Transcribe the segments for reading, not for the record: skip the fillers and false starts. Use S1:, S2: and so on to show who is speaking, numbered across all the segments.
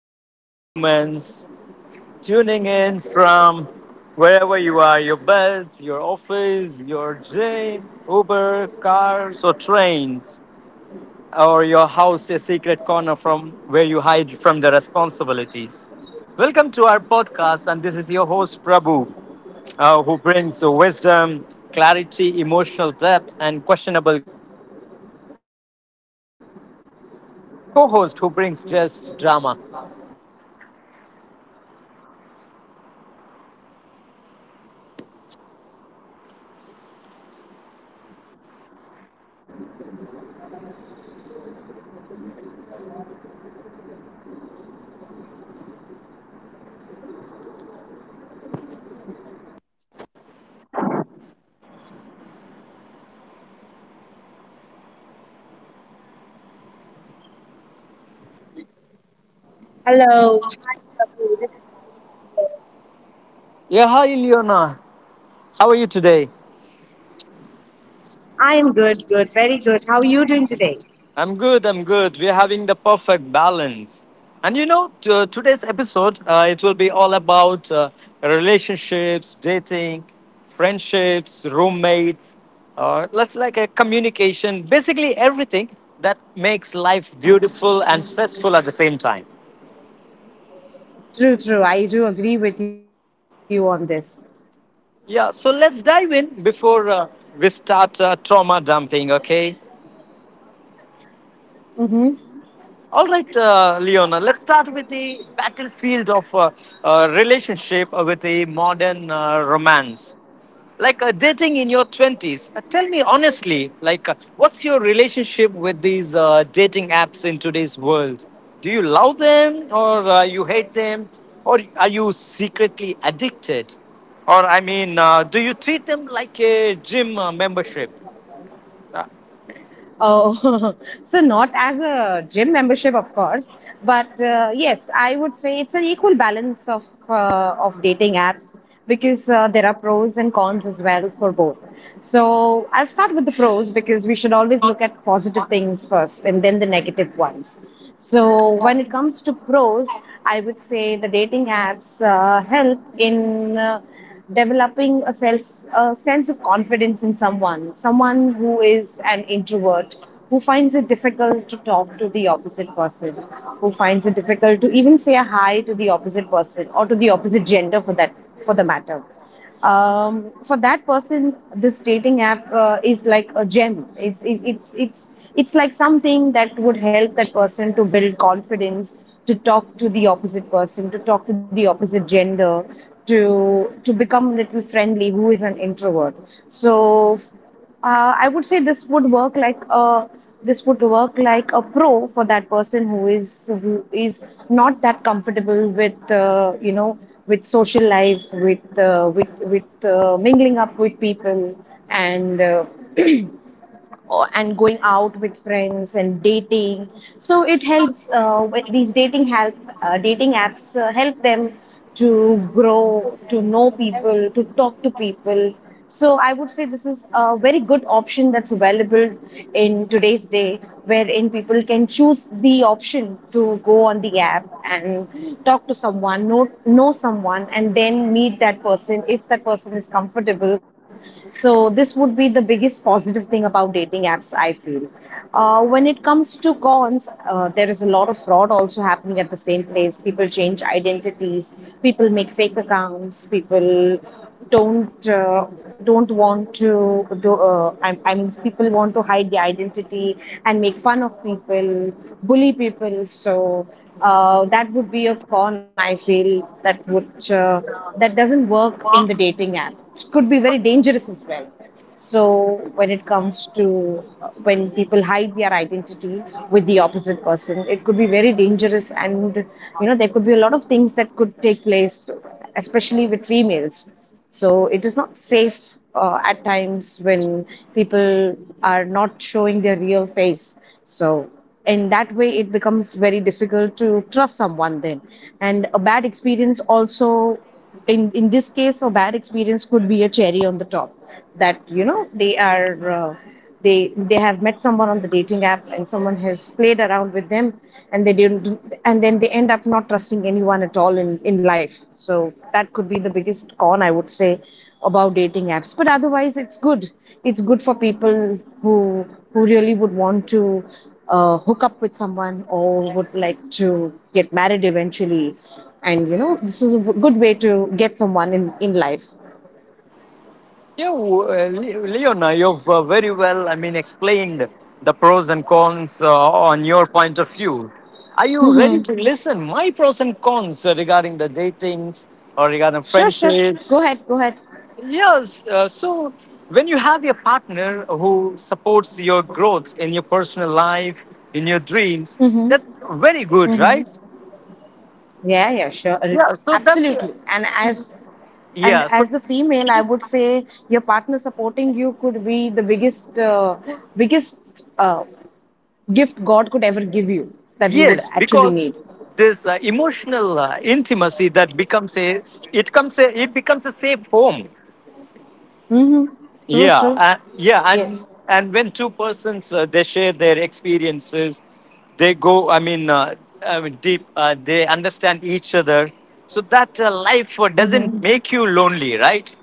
S1: wonderful humans tuning in from wherever you are, your beds, your office, your gym, Uber, cars, or trains, or your house, a secret corner from where you hide from the responsibilities. Welcome to our podcast, and this is your host Prabhu, who brings wisdom, clarity, emotional depth, and questionable confidence. And my co host, who brings just drama.
S2: Hello. Hi, Prabhu.
S1: Yeah, hi, Leona. How are you today?
S2: I am very good. How are you doing today?
S1: I'm good. I'm good. We're having the perfect balance. And today's episode, it will be all about relationships, dating, friendships, roommates. Let's like a communication, basically everything that makes life beautiful and stressful at the same time.
S2: True. I do agree with you on this.
S1: Yeah, so let's dive in before we start trauma dumping, okay?
S2: Mm-hmm.
S1: All right, Leona, let's start with the battlefield of relationship with a modern romance. Like, dating in your 20s. Tell me honestly, like, what's your relationship with these dating apps in today's world? Do you love them or you hate them? Or are you secretly addicted? Or, I mean, do you treat them like a gym membership? Uh,
S2: Oh, so not as a gym membership, of course, but yes, I would say it's an equal balance of of dating apps because there are pros and cons as well for both. So I'll start with the pros because we should always look at positive things first and then the negative ones. So when it comes to pros, I would say the dating apps help in developing a sense of confidence in someone who is an introvert, who finds it difficult to talk to the opposite person, who finds it difficult to even say a hi to the opposite person or to the opposite gender for that for the matter. For that person, this dating app is like a gem. It's it, it's like something that would help that person to build confidence, to talk to the opposite person, to talk to the opposite gender, to become a little friendly. Who is an introvert? So. I would say this would work like a pro for that person who is not that comfortable with you know, with social life, with mingling up with people, and and going out with friends and dating. So it helps with these dating help dating apps help them to grow, to know people, to talk to people. So I would say this is a very good option that's available in today's day, wherein people can choose the option to go on the app and talk to someone, know someone, and then meet that person if that person is comfortable. So this would be the biggest positive thing about dating apps, I feel. When it comes to cons, there is a lot of fraud also happening at the same place. People change identities, people make fake accounts, people don't uh, don't want to do. I mean, people want to hide the identity and make fun of people, bully people. So that would be a con. I feel that doesn't work in the dating app. It could be very dangerous as well. So when it comes to when people hide their identity with the opposite person, it could be very dangerous, and you know there could be a lot of things that could take place, especially with females. So it is not safe at times when people are not showing their real face. So in that way, it becomes very difficult to trust someone then, and a bad experience also, in this case, a bad experience could be a cherry on the top, that you know they they have met someone on the dating app and someone has played around with them, and then they end up not trusting anyone at all in life. So that could be the biggest con, I would say, about dating apps. But otherwise, it's good for people who really would want to hook up with someone or would like to get married eventually. And you know, this is a good way to get someone in life.
S1: Yeah, Leona, you've very well, I mean, explained the pros and cons on your point of view. Are you ready to
S2: Hmm.
S1: listen my pros and cons regarding the datings or regarding
S2: Sure, sure.
S1: friendships?
S2: Go ahead. Go ahead.
S1: Yes. So when you have your partner who supports your growth in your personal life, in your dreams,
S2: Mm-hmm.
S1: that's very good,
S2: Mm-hmm.
S1: right?
S2: Yeah, yeah, sure.
S1: Yeah. So that's.
S2: Absolutely. And
S1: Yeah. So.
S2: as a female, I would say your partner supporting you could be the biggest uh, gift God could ever give you, that you would
S1: Yes,
S2: actually
S1: because
S2: need.
S1: this emotional intimacy that becomes a it comes a, it becomes a safe home.
S2: Mm-hmm. True,
S1: Yeah,
S2: true.
S1: yeah, and
S2: Yes.
S1: and when two persons they share their experiences, they go. I mean, deep. They understand each other, so that life
S2: Mm-hmm.
S1: doesn't make you lonely, right?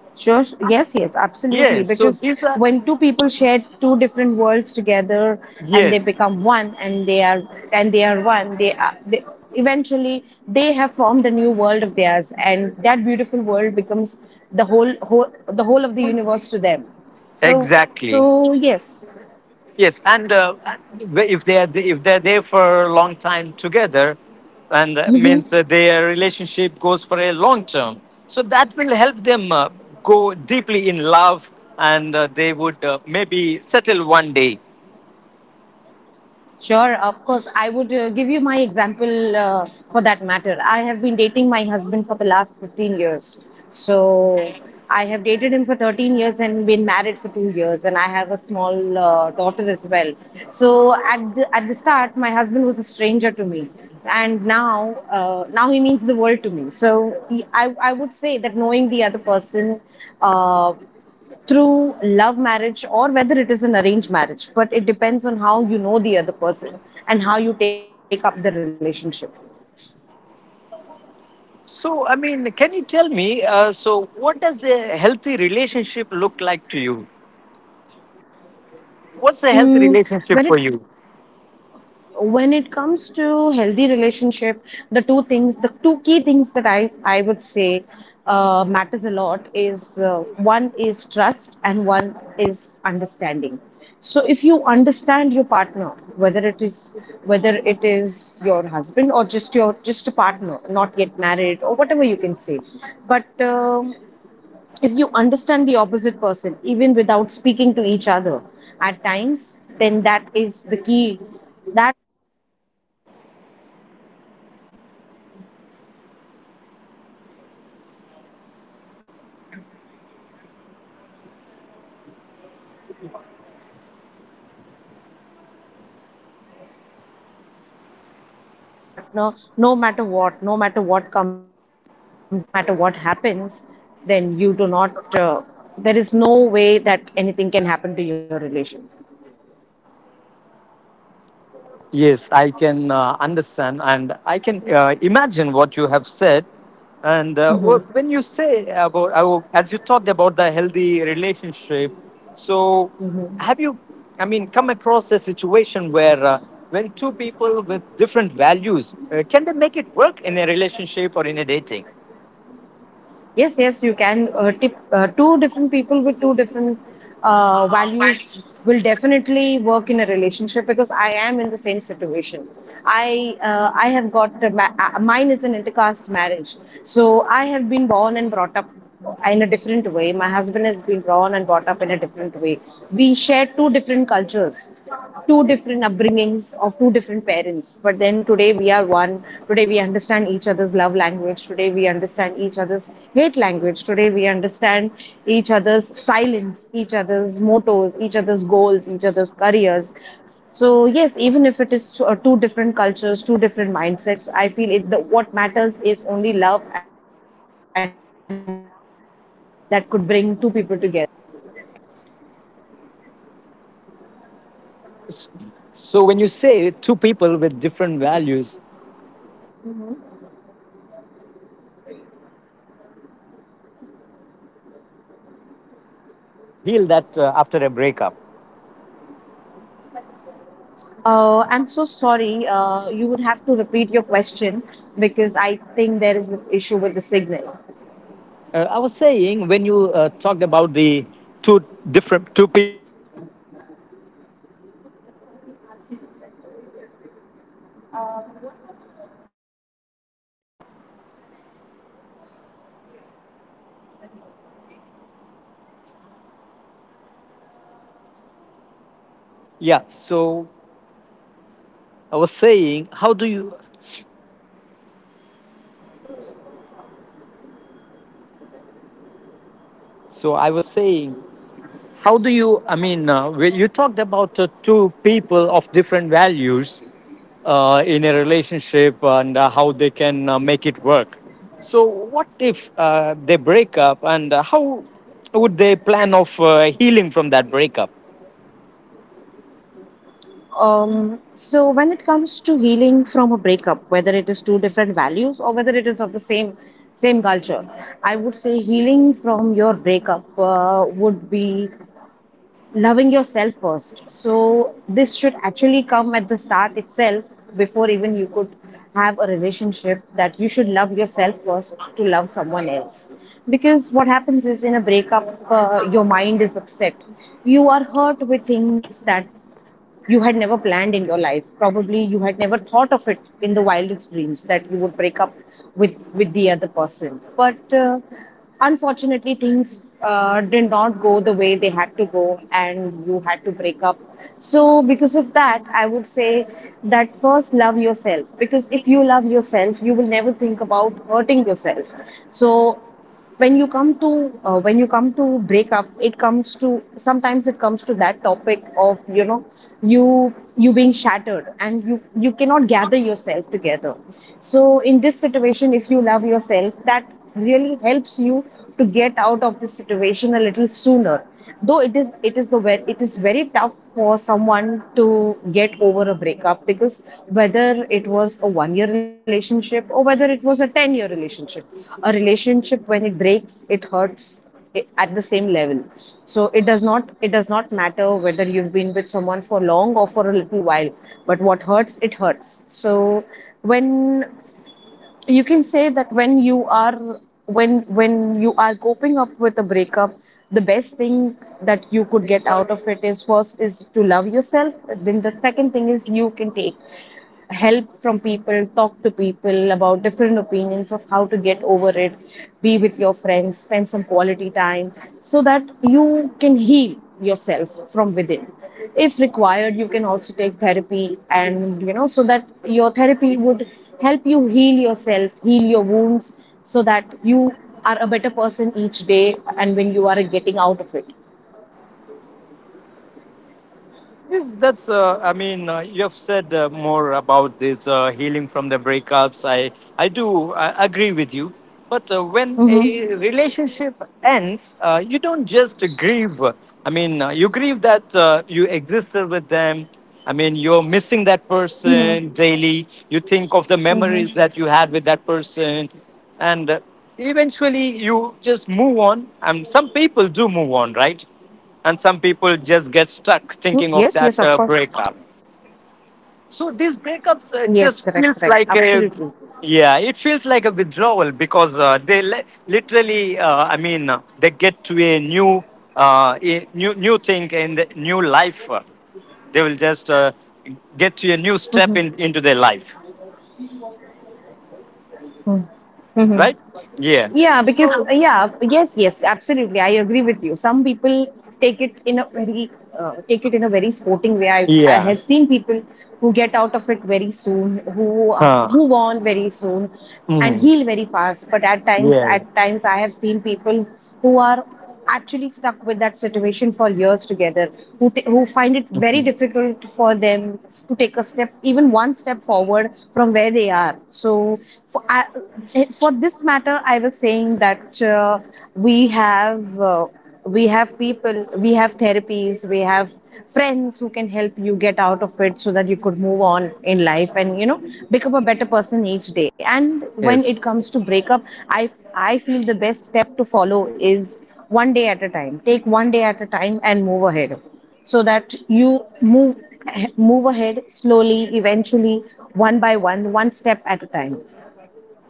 S2: Sure. Yes, yes, absolutely.
S1: Yes. So
S2: Because
S1: these are.
S2: when two people share two different worlds together and they
S1: Yes,
S2: become one, and they are one, they are they, eventually they have formed a new world of theirs, and that beautiful world becomes the whole whole the whole of the universe to them. So
S1: exactly.
S2: so yes.
S1: Yes, and if they're there for a long time together, and that means that their relationship goes for a long term, so that will help them go deeply in love, and they would maybe settle one day.
S2: Sure, of course. I would give you my example for that matter. I have been dating my husband for the last 15 years. So I have dated him for 13 years and been married for 2 years, and I have a small daughter as well. So at at the start, my husband was a stranger to me, and now now he means the world to me. So he, I would say that knowing the other person, Uh, through love marriage or whether it is an arranged marriage, but it depends on how you know the other person and how you take up the relationship.
S1: So, I mean, can you tell me? So, what does a healthy relationship look like to you? What's a
S2: Mm.
S1: healthy
S2: when it
S1: relationship for you?
S2: when it comes to healthy relationship, the two key things that I would say matters a lot is, one is trust and one is understanding. So if you understand your partner, whether it is whether it is your husband or just a partner not yet married or whatever you can say, but if you understand the opposite person even without speaking to each other at times, then that is the key. That is the biggest thing that you could give to your partner, I would say, in fact. Because you understanding your partner when in times of need of hardship, that is the biggest thing that would have a successful relationship. And the second one is trust. If you trust your partner, no matter what, no matter what comes in the way, no matter what happens, then you do not, there is no way that anything can happen to your relation.
S1: Yes, I can understand, and I can imagine what you have said. And
S2: Hmm.
S1: when you say about, as you talked about the healthy relationship, so
S2: Hmm.
S1: have you, I mean, come across a situation where, when two people with different values, can they make it work in a relationship or in a dating?
S2: Yes, yes, you can. Two different people with two different values will definitely work in a relationship because I am in the same situation. I have got a mine is an intercaste marriage, so I have been born and brought up in a different way. My husband has been born and brought up in a different way. We share two different cultures, two different upbringings of two different parents. But then today we are one. Today we understand each other's love language. Today we understand each other's hate language. Today we understand each other's silence, each other's mottos, each other's goals, each other's careers. So yes, even if it is two different cultures, two different mindsets, I feel it. What matters is only love and trust that could bring two people together.
S1: So when you say two people with different values, what if a, breakup happens? How do you heal that after a breakup?
S2: I'm so sorry. You would have to repeat your question because I think there is an issue with the
S1: I was
S2: signal.
S1: saying when you talked about the two different two people with different values. So how do you heal after a breakup? Yeah. So I was saying, how do you? So I was saying how do you I mean, you talked about two people of different values in a relationship, and how they can make it work. So what if they break up, and how would they plan of healing from that breakup?
S2: So when it comes to healing from a breakup, whether it is two different values or whether it is of the same culture, I would say healing from your breakup would be loving yourself first. So this should actually come at the start itself, before even you could have a relationship, that you should love yourself first to love someone else. Because what happens is, in a breakup, your mind is upset, you are hurt with things that you had never planned in your life. Probably you had never thought of it in the wildest dreams that you would break up with the other person. But unfortunately things did not go the way they had to go, and you had to break up. So because of that, I would say that first love yourself, because if you love yourself you will never think about hurting yourself. So when you come to breakup, it comes to, sometimes it comes to that topic of, you know, you being shattered and you cannot gather yourself together. So in this situation, if you love yourself, that really helps you to get out of this situation a little sooner. Though it is very tough for someone to get over a breakup, because whether it was a one year relationship or whether it was a 10-year relationship, a relationship when it breaks, it hurts at the same level. So it does not matter whether you've been with someone for long or for a little while, but what hurts, it hurts. So when you can say that, when you are coping up with a breakup, the best thing that you could get out of it is first is to love yourself. Then the second thing is, you can take help from people, talk to people about different opinions of how to get over it, be with your friends, spend some quality time so that you can heal yourself from within. If required, you can also take therapy so that your therapy would help you heal yourself, heal your wounds, so that you are a better person each day and when you are getting out of it.
S1: Yes, that's. I mean, you have said more about this healing from the breakups. I agree with you. But when
S2: Mm-hmm.
S1: a relationship ends, you don't just grieve. I mean, you grieve that you existed with them. I mean, you're
S2: Mm-hmm.
S1: missing that person daily. You
S2: Mm-hmm.
S1: think of the memories that you had with that person, and eventually you just move on. And some people do move on, right? And some people
S2: Yes, yes,
S1: just
S2: of
S1: get
S2: course.
S1: stuck thinking of that breakup.
S2: Yes,
S1: So
S2: correct,
S1: these
S2: correct.
S1: breakups
S2: Absolutely.
S1: just feels like a, yeah, it feels like a withdrawal, because they literally, I mean, they get to a new, a new new thing in the new life. They will just
S2: Mhm.
S1: get to a new step into their life,
S2: Mm. Mhm. Yeah,
S1: right.
S2: because
S1: Yeah.
S2: yeah, yes, yes, absolutely. I agree with you. Some people take it in a very take it in a very sporting way. I have seen
S1: Yeah.
S2: people who get out of it very soon, who move
S1: Huh.
S2: on very soon, and heal
S1: Mhm.
S2: very fast. But
S1: Yeah.
S2: at times, I have seen people who are actually stuck with that situation for years together, who find it very
S1: Mhm.
S2: difficult for them to take a step, even one step forward from where they are. So, for, I, for this matter, I was saying that we have. Uh, we have people, we have therapies, we have friends who can help you get out of it so that you could move on in life and become a better person each day. And when
S1: Yes.
S2: it comes to breakup, i I feel the best step to follow is one day at a time. Take one day at a time and move ahead, so that you move ahead slowly, eventually, one by one, one step at a time.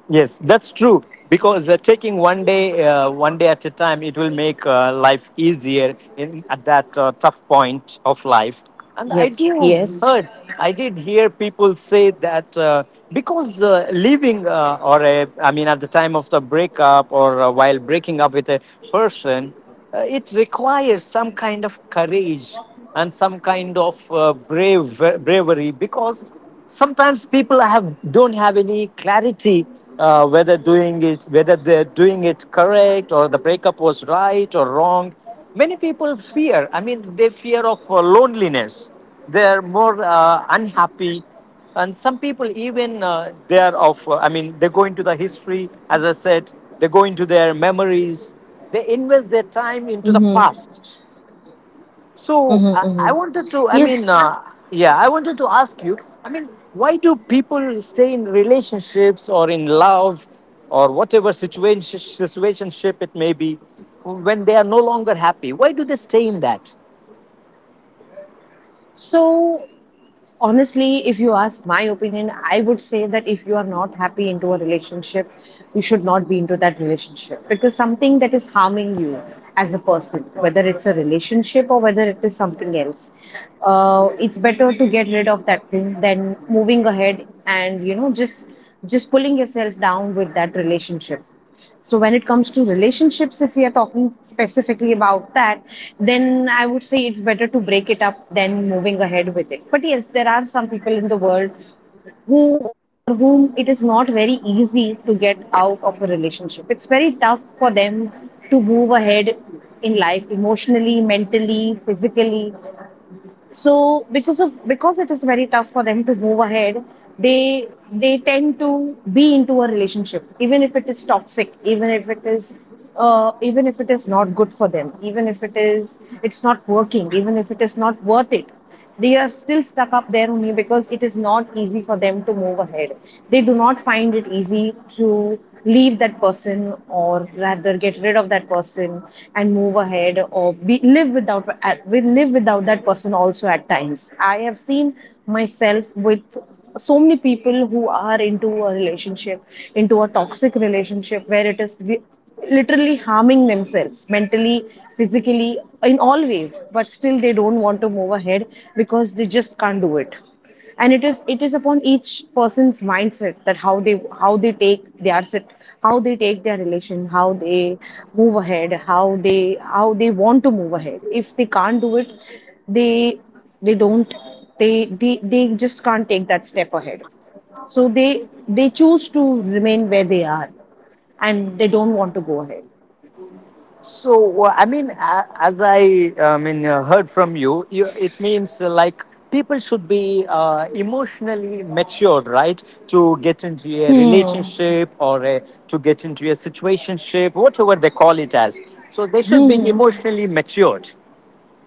S1: Yes, that's true. Because taking one day at a time, it will make life easier in at that tough point of life. And
S2: Yes, yes.
S1: I did hear people say that, because leaving, I mean, at the time of the breakup, or while breaking up with a person, it requires some kind of courage and some kind of bravery, because sometimes people have don't have any clarity whether they're doing it correct, or the breakup was right or wrong. Many people fear, I mean, they fear of loneliness. They're more unhappy. And some people even, they are of, I mean, they go into the history, as I said, they go into their memories, they invest their time into
S2: Mm-hmm.
S1: the past.
S2: Mm-hmm,
S1: So i,
S2: mm-hmm.
S1: I wanted to, I
S2: Yes.
S1: mean, yeah, I wanted to ask you, I mean, why do people stay in relationships, or in love, or whatever situationship it may be, when they are no longer happy? Why do they stay in that?
S2: So, honestly, if you ask my opinion, I would say that if you are not happy into a relationship, you should not be into that relationship, because something that is harming you as a person, whether it's a relationship or whether it is something else, it's better to get rid of that thing than moving ahead and just pulling yourself down with that relationship. So when it comes to relationships, if we are talking specifically about that, then I would say it's better to break it up than moving ahead with it. But yes, there are some people in the world who, for whom it is not very easy to get out of a relationship. It's very tough for them to move ahead in life emotionally, mentally, physically. So because it is very tough for them to move ahead, they tend to be into a relationship, even if it is toxic, even if it is even if it is not good for them, even if it is it's not working, even if it is not worth it. They are still stuck up there only because it is not easy for them to move ahead. They do not find it easy to leave that person, or rather get rid of that person and move ahead, or be, live without we live without that person also at times. I have seen myself with so many people who are into a relationship, into a toxic relationship where it is literally harming themselves mentally, physically, in all ways, but still they don't want to move ahead because they just can't do it. And it is upon each person's mindset, that how they take their how they take their relation, how they move ahead, how they want to move ahead. If they can't do it, they they don't they just can't take that step ahead, so they choose to remain where they are, and they don't want to go ahead.
S1: So, I mean, as I mean, heard from you, it means, like, people should be emotionally mature, right? To get into a
S2: Hmm.
S1: relationship, or to get into a situationship, whatever they call it as. So they should be
S2: Hmm.
S1: emotionally matured.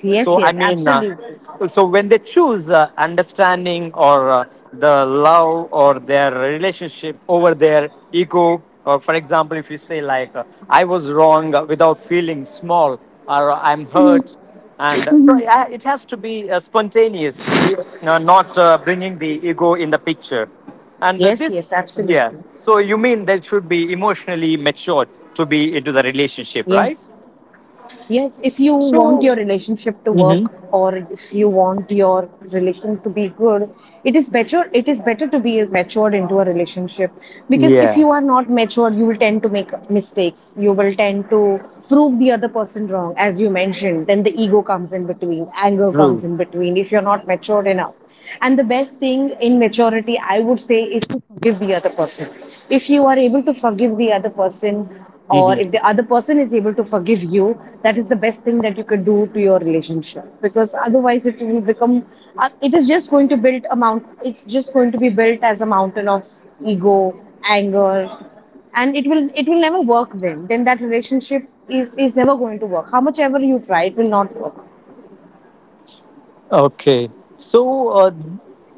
S2: Yes,
S1: So I
S2: yes,
S1: mean,
S2: absolutely.
S1: so when they choose understanding, or the love or their relationship over their ego, or, for example, if you say like, I was wrong without feeling small, or I'm hurt, and it has to be spontaneous, not bringing the ego in the picture, and
S2: Yes,
S1: this,
S2: yes,
S1: yeah.
S2: absolutely.
S1: So you mean they should be emotionally matured to be into the
S2: Yes,
S1: relationship, right?
S2: yes. If you want your relationship to work, or
S1: Mm-hmm.
S2: if you want your relation to be good, It is better to be matured into a relationship, because if you
S1: Yeah.
S2: are not matured, you will tend to make mistakes. You will tend to prove the other person wrong, as you mentioned. Then the ego comes in between, anger comes
S1: True.
S2: in between, if you're not matured enough. And the best thing in maturity, I would say, is to forgive the other person. If you are able to forgive the other person, or
S1: Hmm.
S2: if the other person is able to forgive you, that is the best thing that you can do to your relationship. Because otherwise, it will become, it is just going to build a mount. It's just going to be built as a mountain of ego, anger, and it will never work. Then that relationship is never going to work. How much ever you try, it will not work.
S1: Okay. So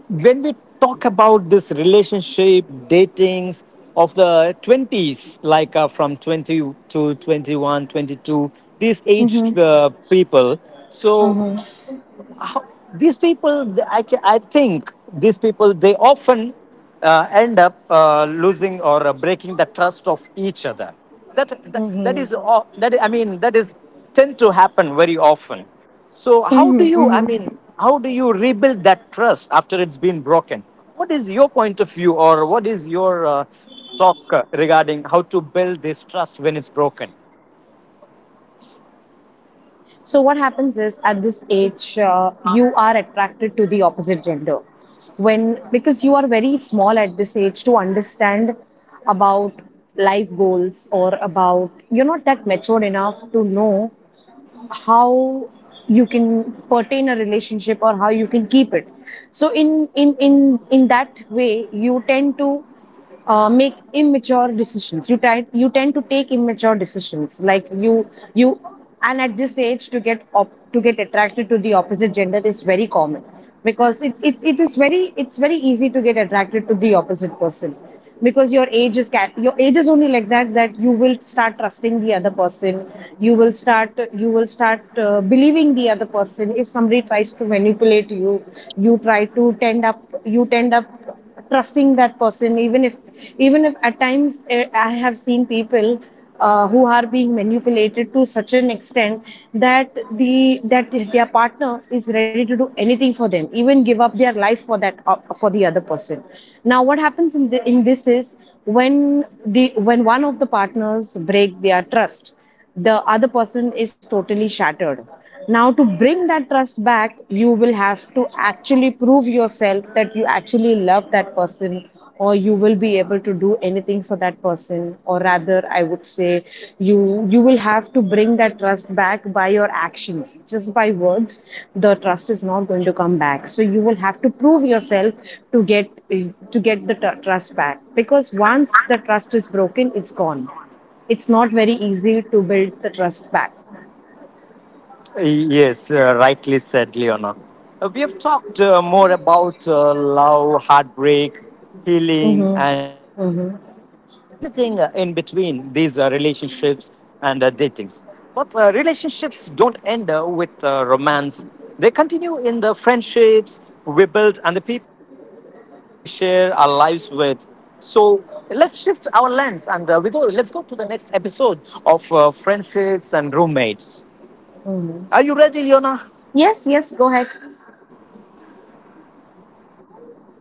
S1: when we talk about this relationship, datings of the 20s, like, from 20 to 21, 22, these aged
S2: Mm-hmm.
S1: people. So
S2: Mm-hmm.
S1: how, these people, I think these people, they often end up losing or breaking the trust of each other. That
S2: Mm-hmm.
S1: is, all- that I mean, that is tend to happen very often. So how
S2: Mm-hmm.
S1: do you, I
S2: Mm-hmm.
S1: mean, how do you rebuild that trust after it's been broken? What is your point of view, or what is your talk regarding how to build this trust when it's broken?
S2: So, what happens is at this age, you are attracted to the opposite gender. Because you are very small at this age to understand about life goals, or about, you're not that matured enough to know how you can pertain a relationship or how you can keep it. So in that way you tend to make immature decisions, you tend to take immature decisions, like you and at this age to to get attracted to the opposite gender is very common, because it's very easy to get attracted to the opposite person, because your your age is only like that, that you will start trusting the other person. You will start believing the other person. If somebody tries to manipulate you, you try to tend up you tend up trusting that person, even if at times I have seen people who are being manipulated to such an extent that their partner is ready to do anything for them, even give up their life for that for the other person. Now what happens in in this is, when the when one of the partners break their trust, the other person is totally shattered. Now to bring that trust back, you will have to actually prove yourself that you actually love that person, or you will be able to do anything for that person. Or rather I would say, you you will have to bring that trust back by your actions. Just by words the trust is not going to come back, so you will have to prove yourself to get the trust back, because once the trust is broken, it's gone. It's not very easy to build the trust back.
S1: Yes, rightly said, Leona. We have talked more about love, heartbreak, healing,
S2: Mm-hmm.
S1: and everything
S2: Mm-hmm.
S1: in between these relationships and datings. But relationships don't end with romance, they continue in the friendships we build and the people we share our lives with. So let's shift our lens, and we go. Let's go to the next episode of friendships and roommates. Are you ready,
S2: Mm-hmm.
S1: Leona?
S2: Yes, yes, go ahead.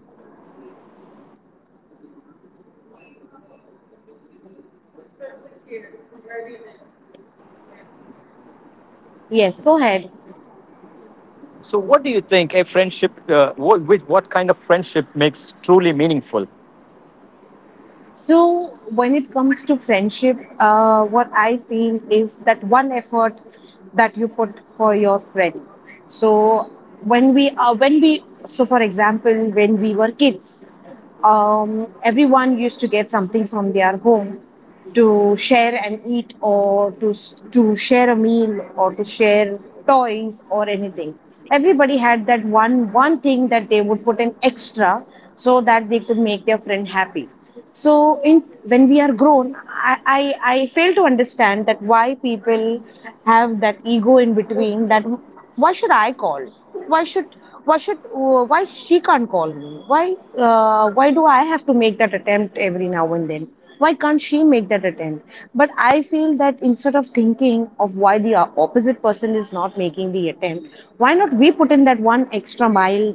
S1: So, I mean, what do you think, or what makes a friendship truly meaningful?
S2: Yes, go ahead.
S1: So, what do you think a friendship, with what kind of friendship makes truly meaningful?
S2: So, when it comes to friendship, what I feel is that one effort that you put for your friend. So, when we, so for example, when we were kids, everyone used to get something from their home to share and eat, or to to share a meal, or to share toys or anything. Everybody had that one thing that they would put in extra, so that they could make their friend happy. So in When we are grown, I fail to understand that why people have that ego in between, that why should I call, why should why she can't call me, why do I have to make that attempt every now and then, why can't she make that attempt? But I feel that instead of thinking of why the opposite person is not making the attempt, why not we put in that one extra mile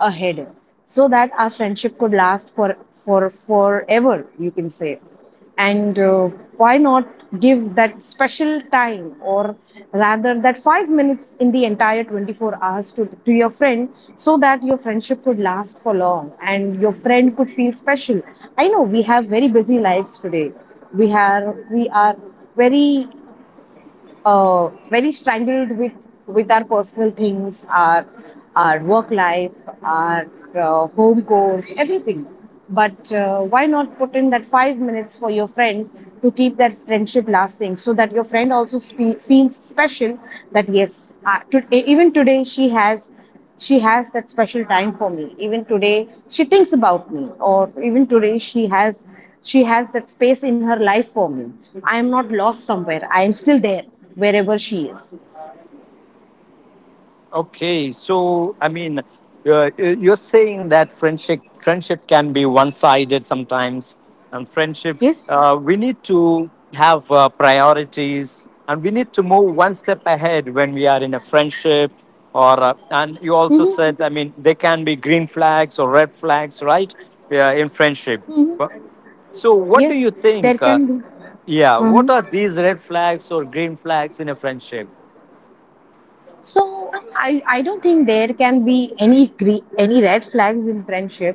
S2: ahead, so that our friendship could last for forever, you can say. And why not give that special time, or rather that 5 minutes in the entire 24 hours to your friend, so that your friendship could last for long and your friend could feel special. I know we have very busy lives today. We are we are very uh, very strangled with our personal things, our work life, our home course, everything. But why not put in that 5 minutes for your friend to keep that friendship lasting, so that your friend also feels special. That yes, even today she has that special time for me, even today she thinks about me, or even today she has that space in her life for me. I am not lost somewhere, I am still there, wherever she is.
S1: Okay, so I mean, you're saying that friendship can be one sided sometimes, and friendship,
S2: Yes.
S1: we need to have priorities, and we need to move one step ahead when we are in a friendship. Or, and
S2: Mm-hmm.
S1: you also said, I mean, there can be green flags or red flags, right? Yeah, in friendship.
S2: Mm-hmm.
S1: But, so,
S2: Yes,
S1: what do you
S2: there can be.
S1: think?
S2: Mm-hmm.
S1: Yeah, what are these red flags or green flags in a friendship?
S2: So I don't think there can be any any red flags in friendship.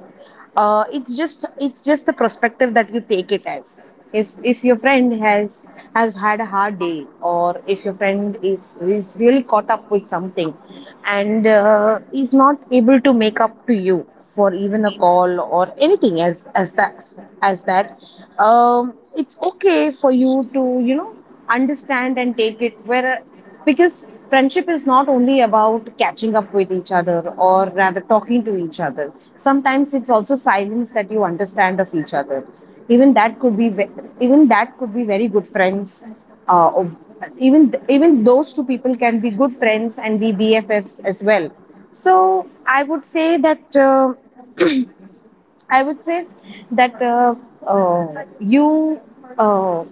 S2: It's just it's just the perspective that you take it as. If your friend has had a hard day, or if your friend is really caught up with something, and is not able to make up to you for even a call or anything as that. It's okay for you to understand and take it where, because friendship is not only about catching up with each other or rather talking to each other. Sometimes it's also silence that you understand of each other. Even that could be even that could be very good friends, uh, or- even those two people can be good friends and be BFFs as well. So I would say that I would say that you uh,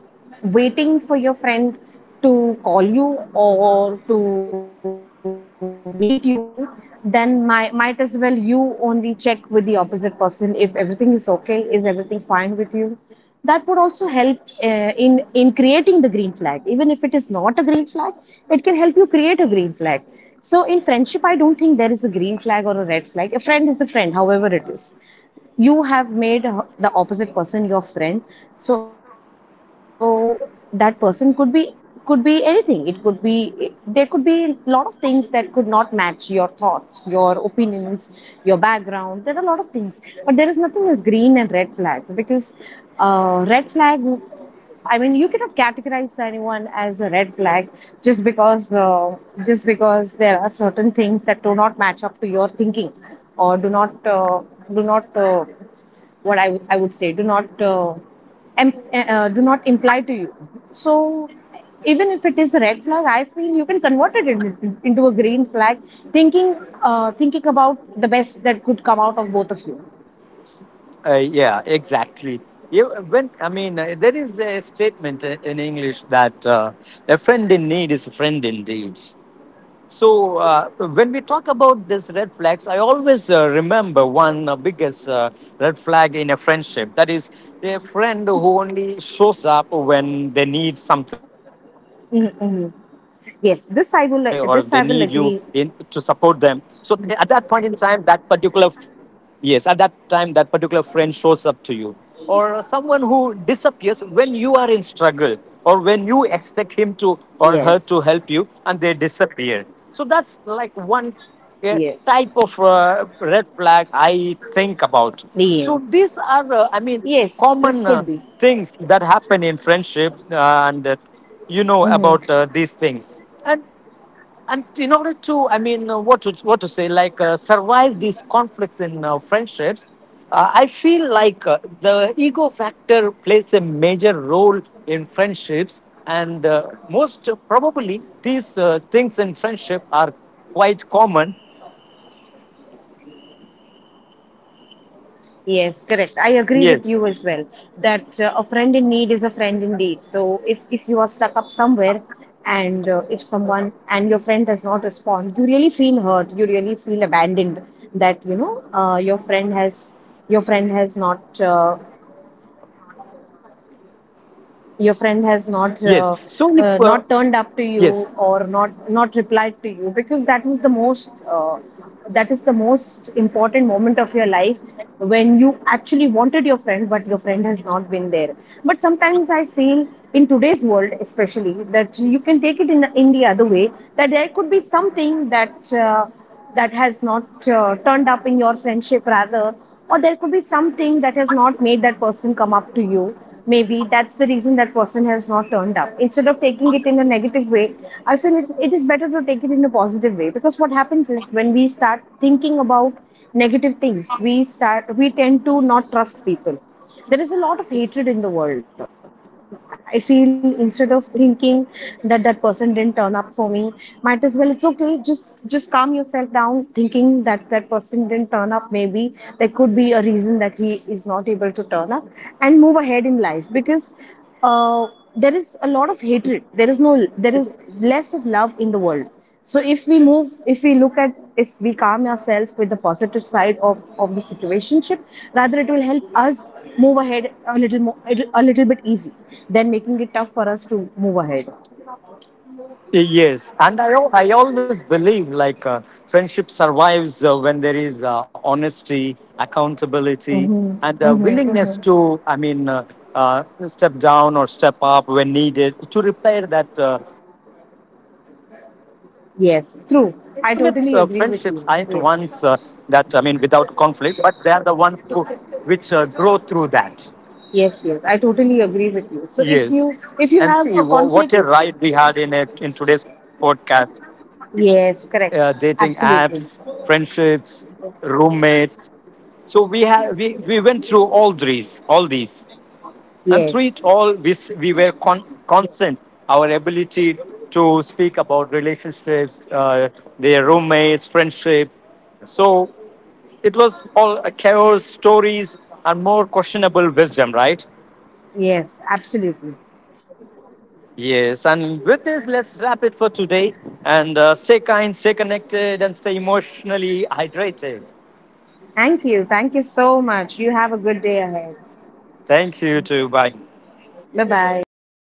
S2: waiting for your friend to call you or to meet you, then my might as well you only check with the opposite person if everything is okay, is everything fine with you, that would also help uh, in creating the green flag. Even if it is not a green flag, it can help you create a green flag. So in friendship I don't think there is a green flag or a red flag. A friend is a friend however it is. You have made the opposite person your friend. So that person could be anything. It could be, there could be a lot of things that could not match your thoughts, your opinions, your background, there are a lot of things. But there is nothing as green and red flags, because red flag, I mean, you cannot categorize anyone as a red flag just because uh, just because there are certain things that do not match up to your thinking, or uh, do not what I would say. Do not do not imply to you. So even if it is a red flag, I feel you can convert it into a green flag, thinking thinking about the best that could come out of both of you.
S1: Yeah, exactly. You, when I mean, there is a statement in English that, a friend in need is a friend indeed. So when we talk about these red flags, I always remember one biggest red flag in a friendship. That is a friend who only shows up when they need something, like if they need money, or if they
S2: Mm-hmm.
S1: need you in
S2: Yes,
S1: to support them.
S2: this I
S1: So
S2: will
S1: at
S2: agree.
S1: that point in time, that particular. Yes, at that time, that particular friend shows up to you, or someone who disappears when you are in struggle, or when you expect him to, or her to,
S2: Yes.
S1: help you, and they disappear. So that's like one uh,
S2: Yes.
S1: type of red flag I think about. So these
S2: Yes,
S1: are, I mean,
S2: yes,
S1: common
S2: this could be.
S1: things that happen in friendship, and, you know about
S2: Hmm.
S1: these things. And and in order to, I mean, what to say like, survive these conflicts in friendships, I feel like the ego factor plays a major role in friendships, and most probably these things in friendship are quite common.
S2: Yes, correct. I agree with
S1: Yes,
S2: you as well that a friend in need is a friend indeed. So if you are stuck up somewhere, and if someone, and your friend does not respond, you really feel hurt. You really feel abandoned, that you know your friend has, your friend has not
S1: yes.
S2: your
S1: So if,
S2: friend has not
S1: yes.
S2: not turned up to you, or not replied to you, because that is the most that is the most important moment of your life, when you actually wanted your friend but your friend has not been there. But sometimes I feel, in today's world especially, that you can take it in the other way, that there could be something that that has not turned up in your friendship rather, or there could be something that has not made that person come up to you. Maybe that's the reason that person has not turned up. Instead of taking it in a negative way, I feel it is better to take it in a positive way, because what happens is, when we start thinking about negative things, we start, we tend to not trust people. There is a lot of hatred in the world. I feel, instead of thinking that that person didn't turn up for me, might as well it's okay. Just calm yourself down, thinking that that person didn't turn up. Maybe there could be a reason that he is not able to turn up, and move ahead in life. Because uh, there is a lot of hatred. There is no there is less of love in the world. So if we look at, if we calm ourselves with the positive side of the situationship, rather, it will help us move ahead a little more, a little bit easy, than making it tough for us to move ahead.
S1: Yes, and I always believe like, friendship survives when there is honesty, accountability, and
S2: Mm-hmm, mm-hmm,
S1: willingness to,
S2: mm-hmm.
S1: I mean, step down or step up when needed to repair that conflicts in a friendship. The strongest
S2: Yes, true.
S1: friendships aren't
S2: I totally
S1: ones
S2: agree with you.
S1: that, I
S2: Yes,
S1: mean, without conflict, but they are the ones which grow through that.
S2: yes, yes, I totally agree with you.
S1: Yes.
S2: So
S1: And see,
S2: if you have
S1: what a
S2: a
S1: ride we
S2: conflict.
S1: had in today's podcast.
S2: Yes,
S1: Dating
S2: correct,
S1: apps,
S2: absolutely.
S1: friendships, roommates. So we have, we went through all these, and through it
S2: Yes.
S1: all, we we were constant. Our ability to speak about relationships, their roommates, friendship. So it was all a chaos, stories, and more questionable wisdom, right?
S2: Yes, absolutely.
S1: Yes, and with this, let's wrap it for today. And stay kind, stay connected, and stay emotionally hydrated.
S2: Thank you, thank you so much. You have a good day ahead.
S1: Thank you too. Bye.
S2: Bye bye.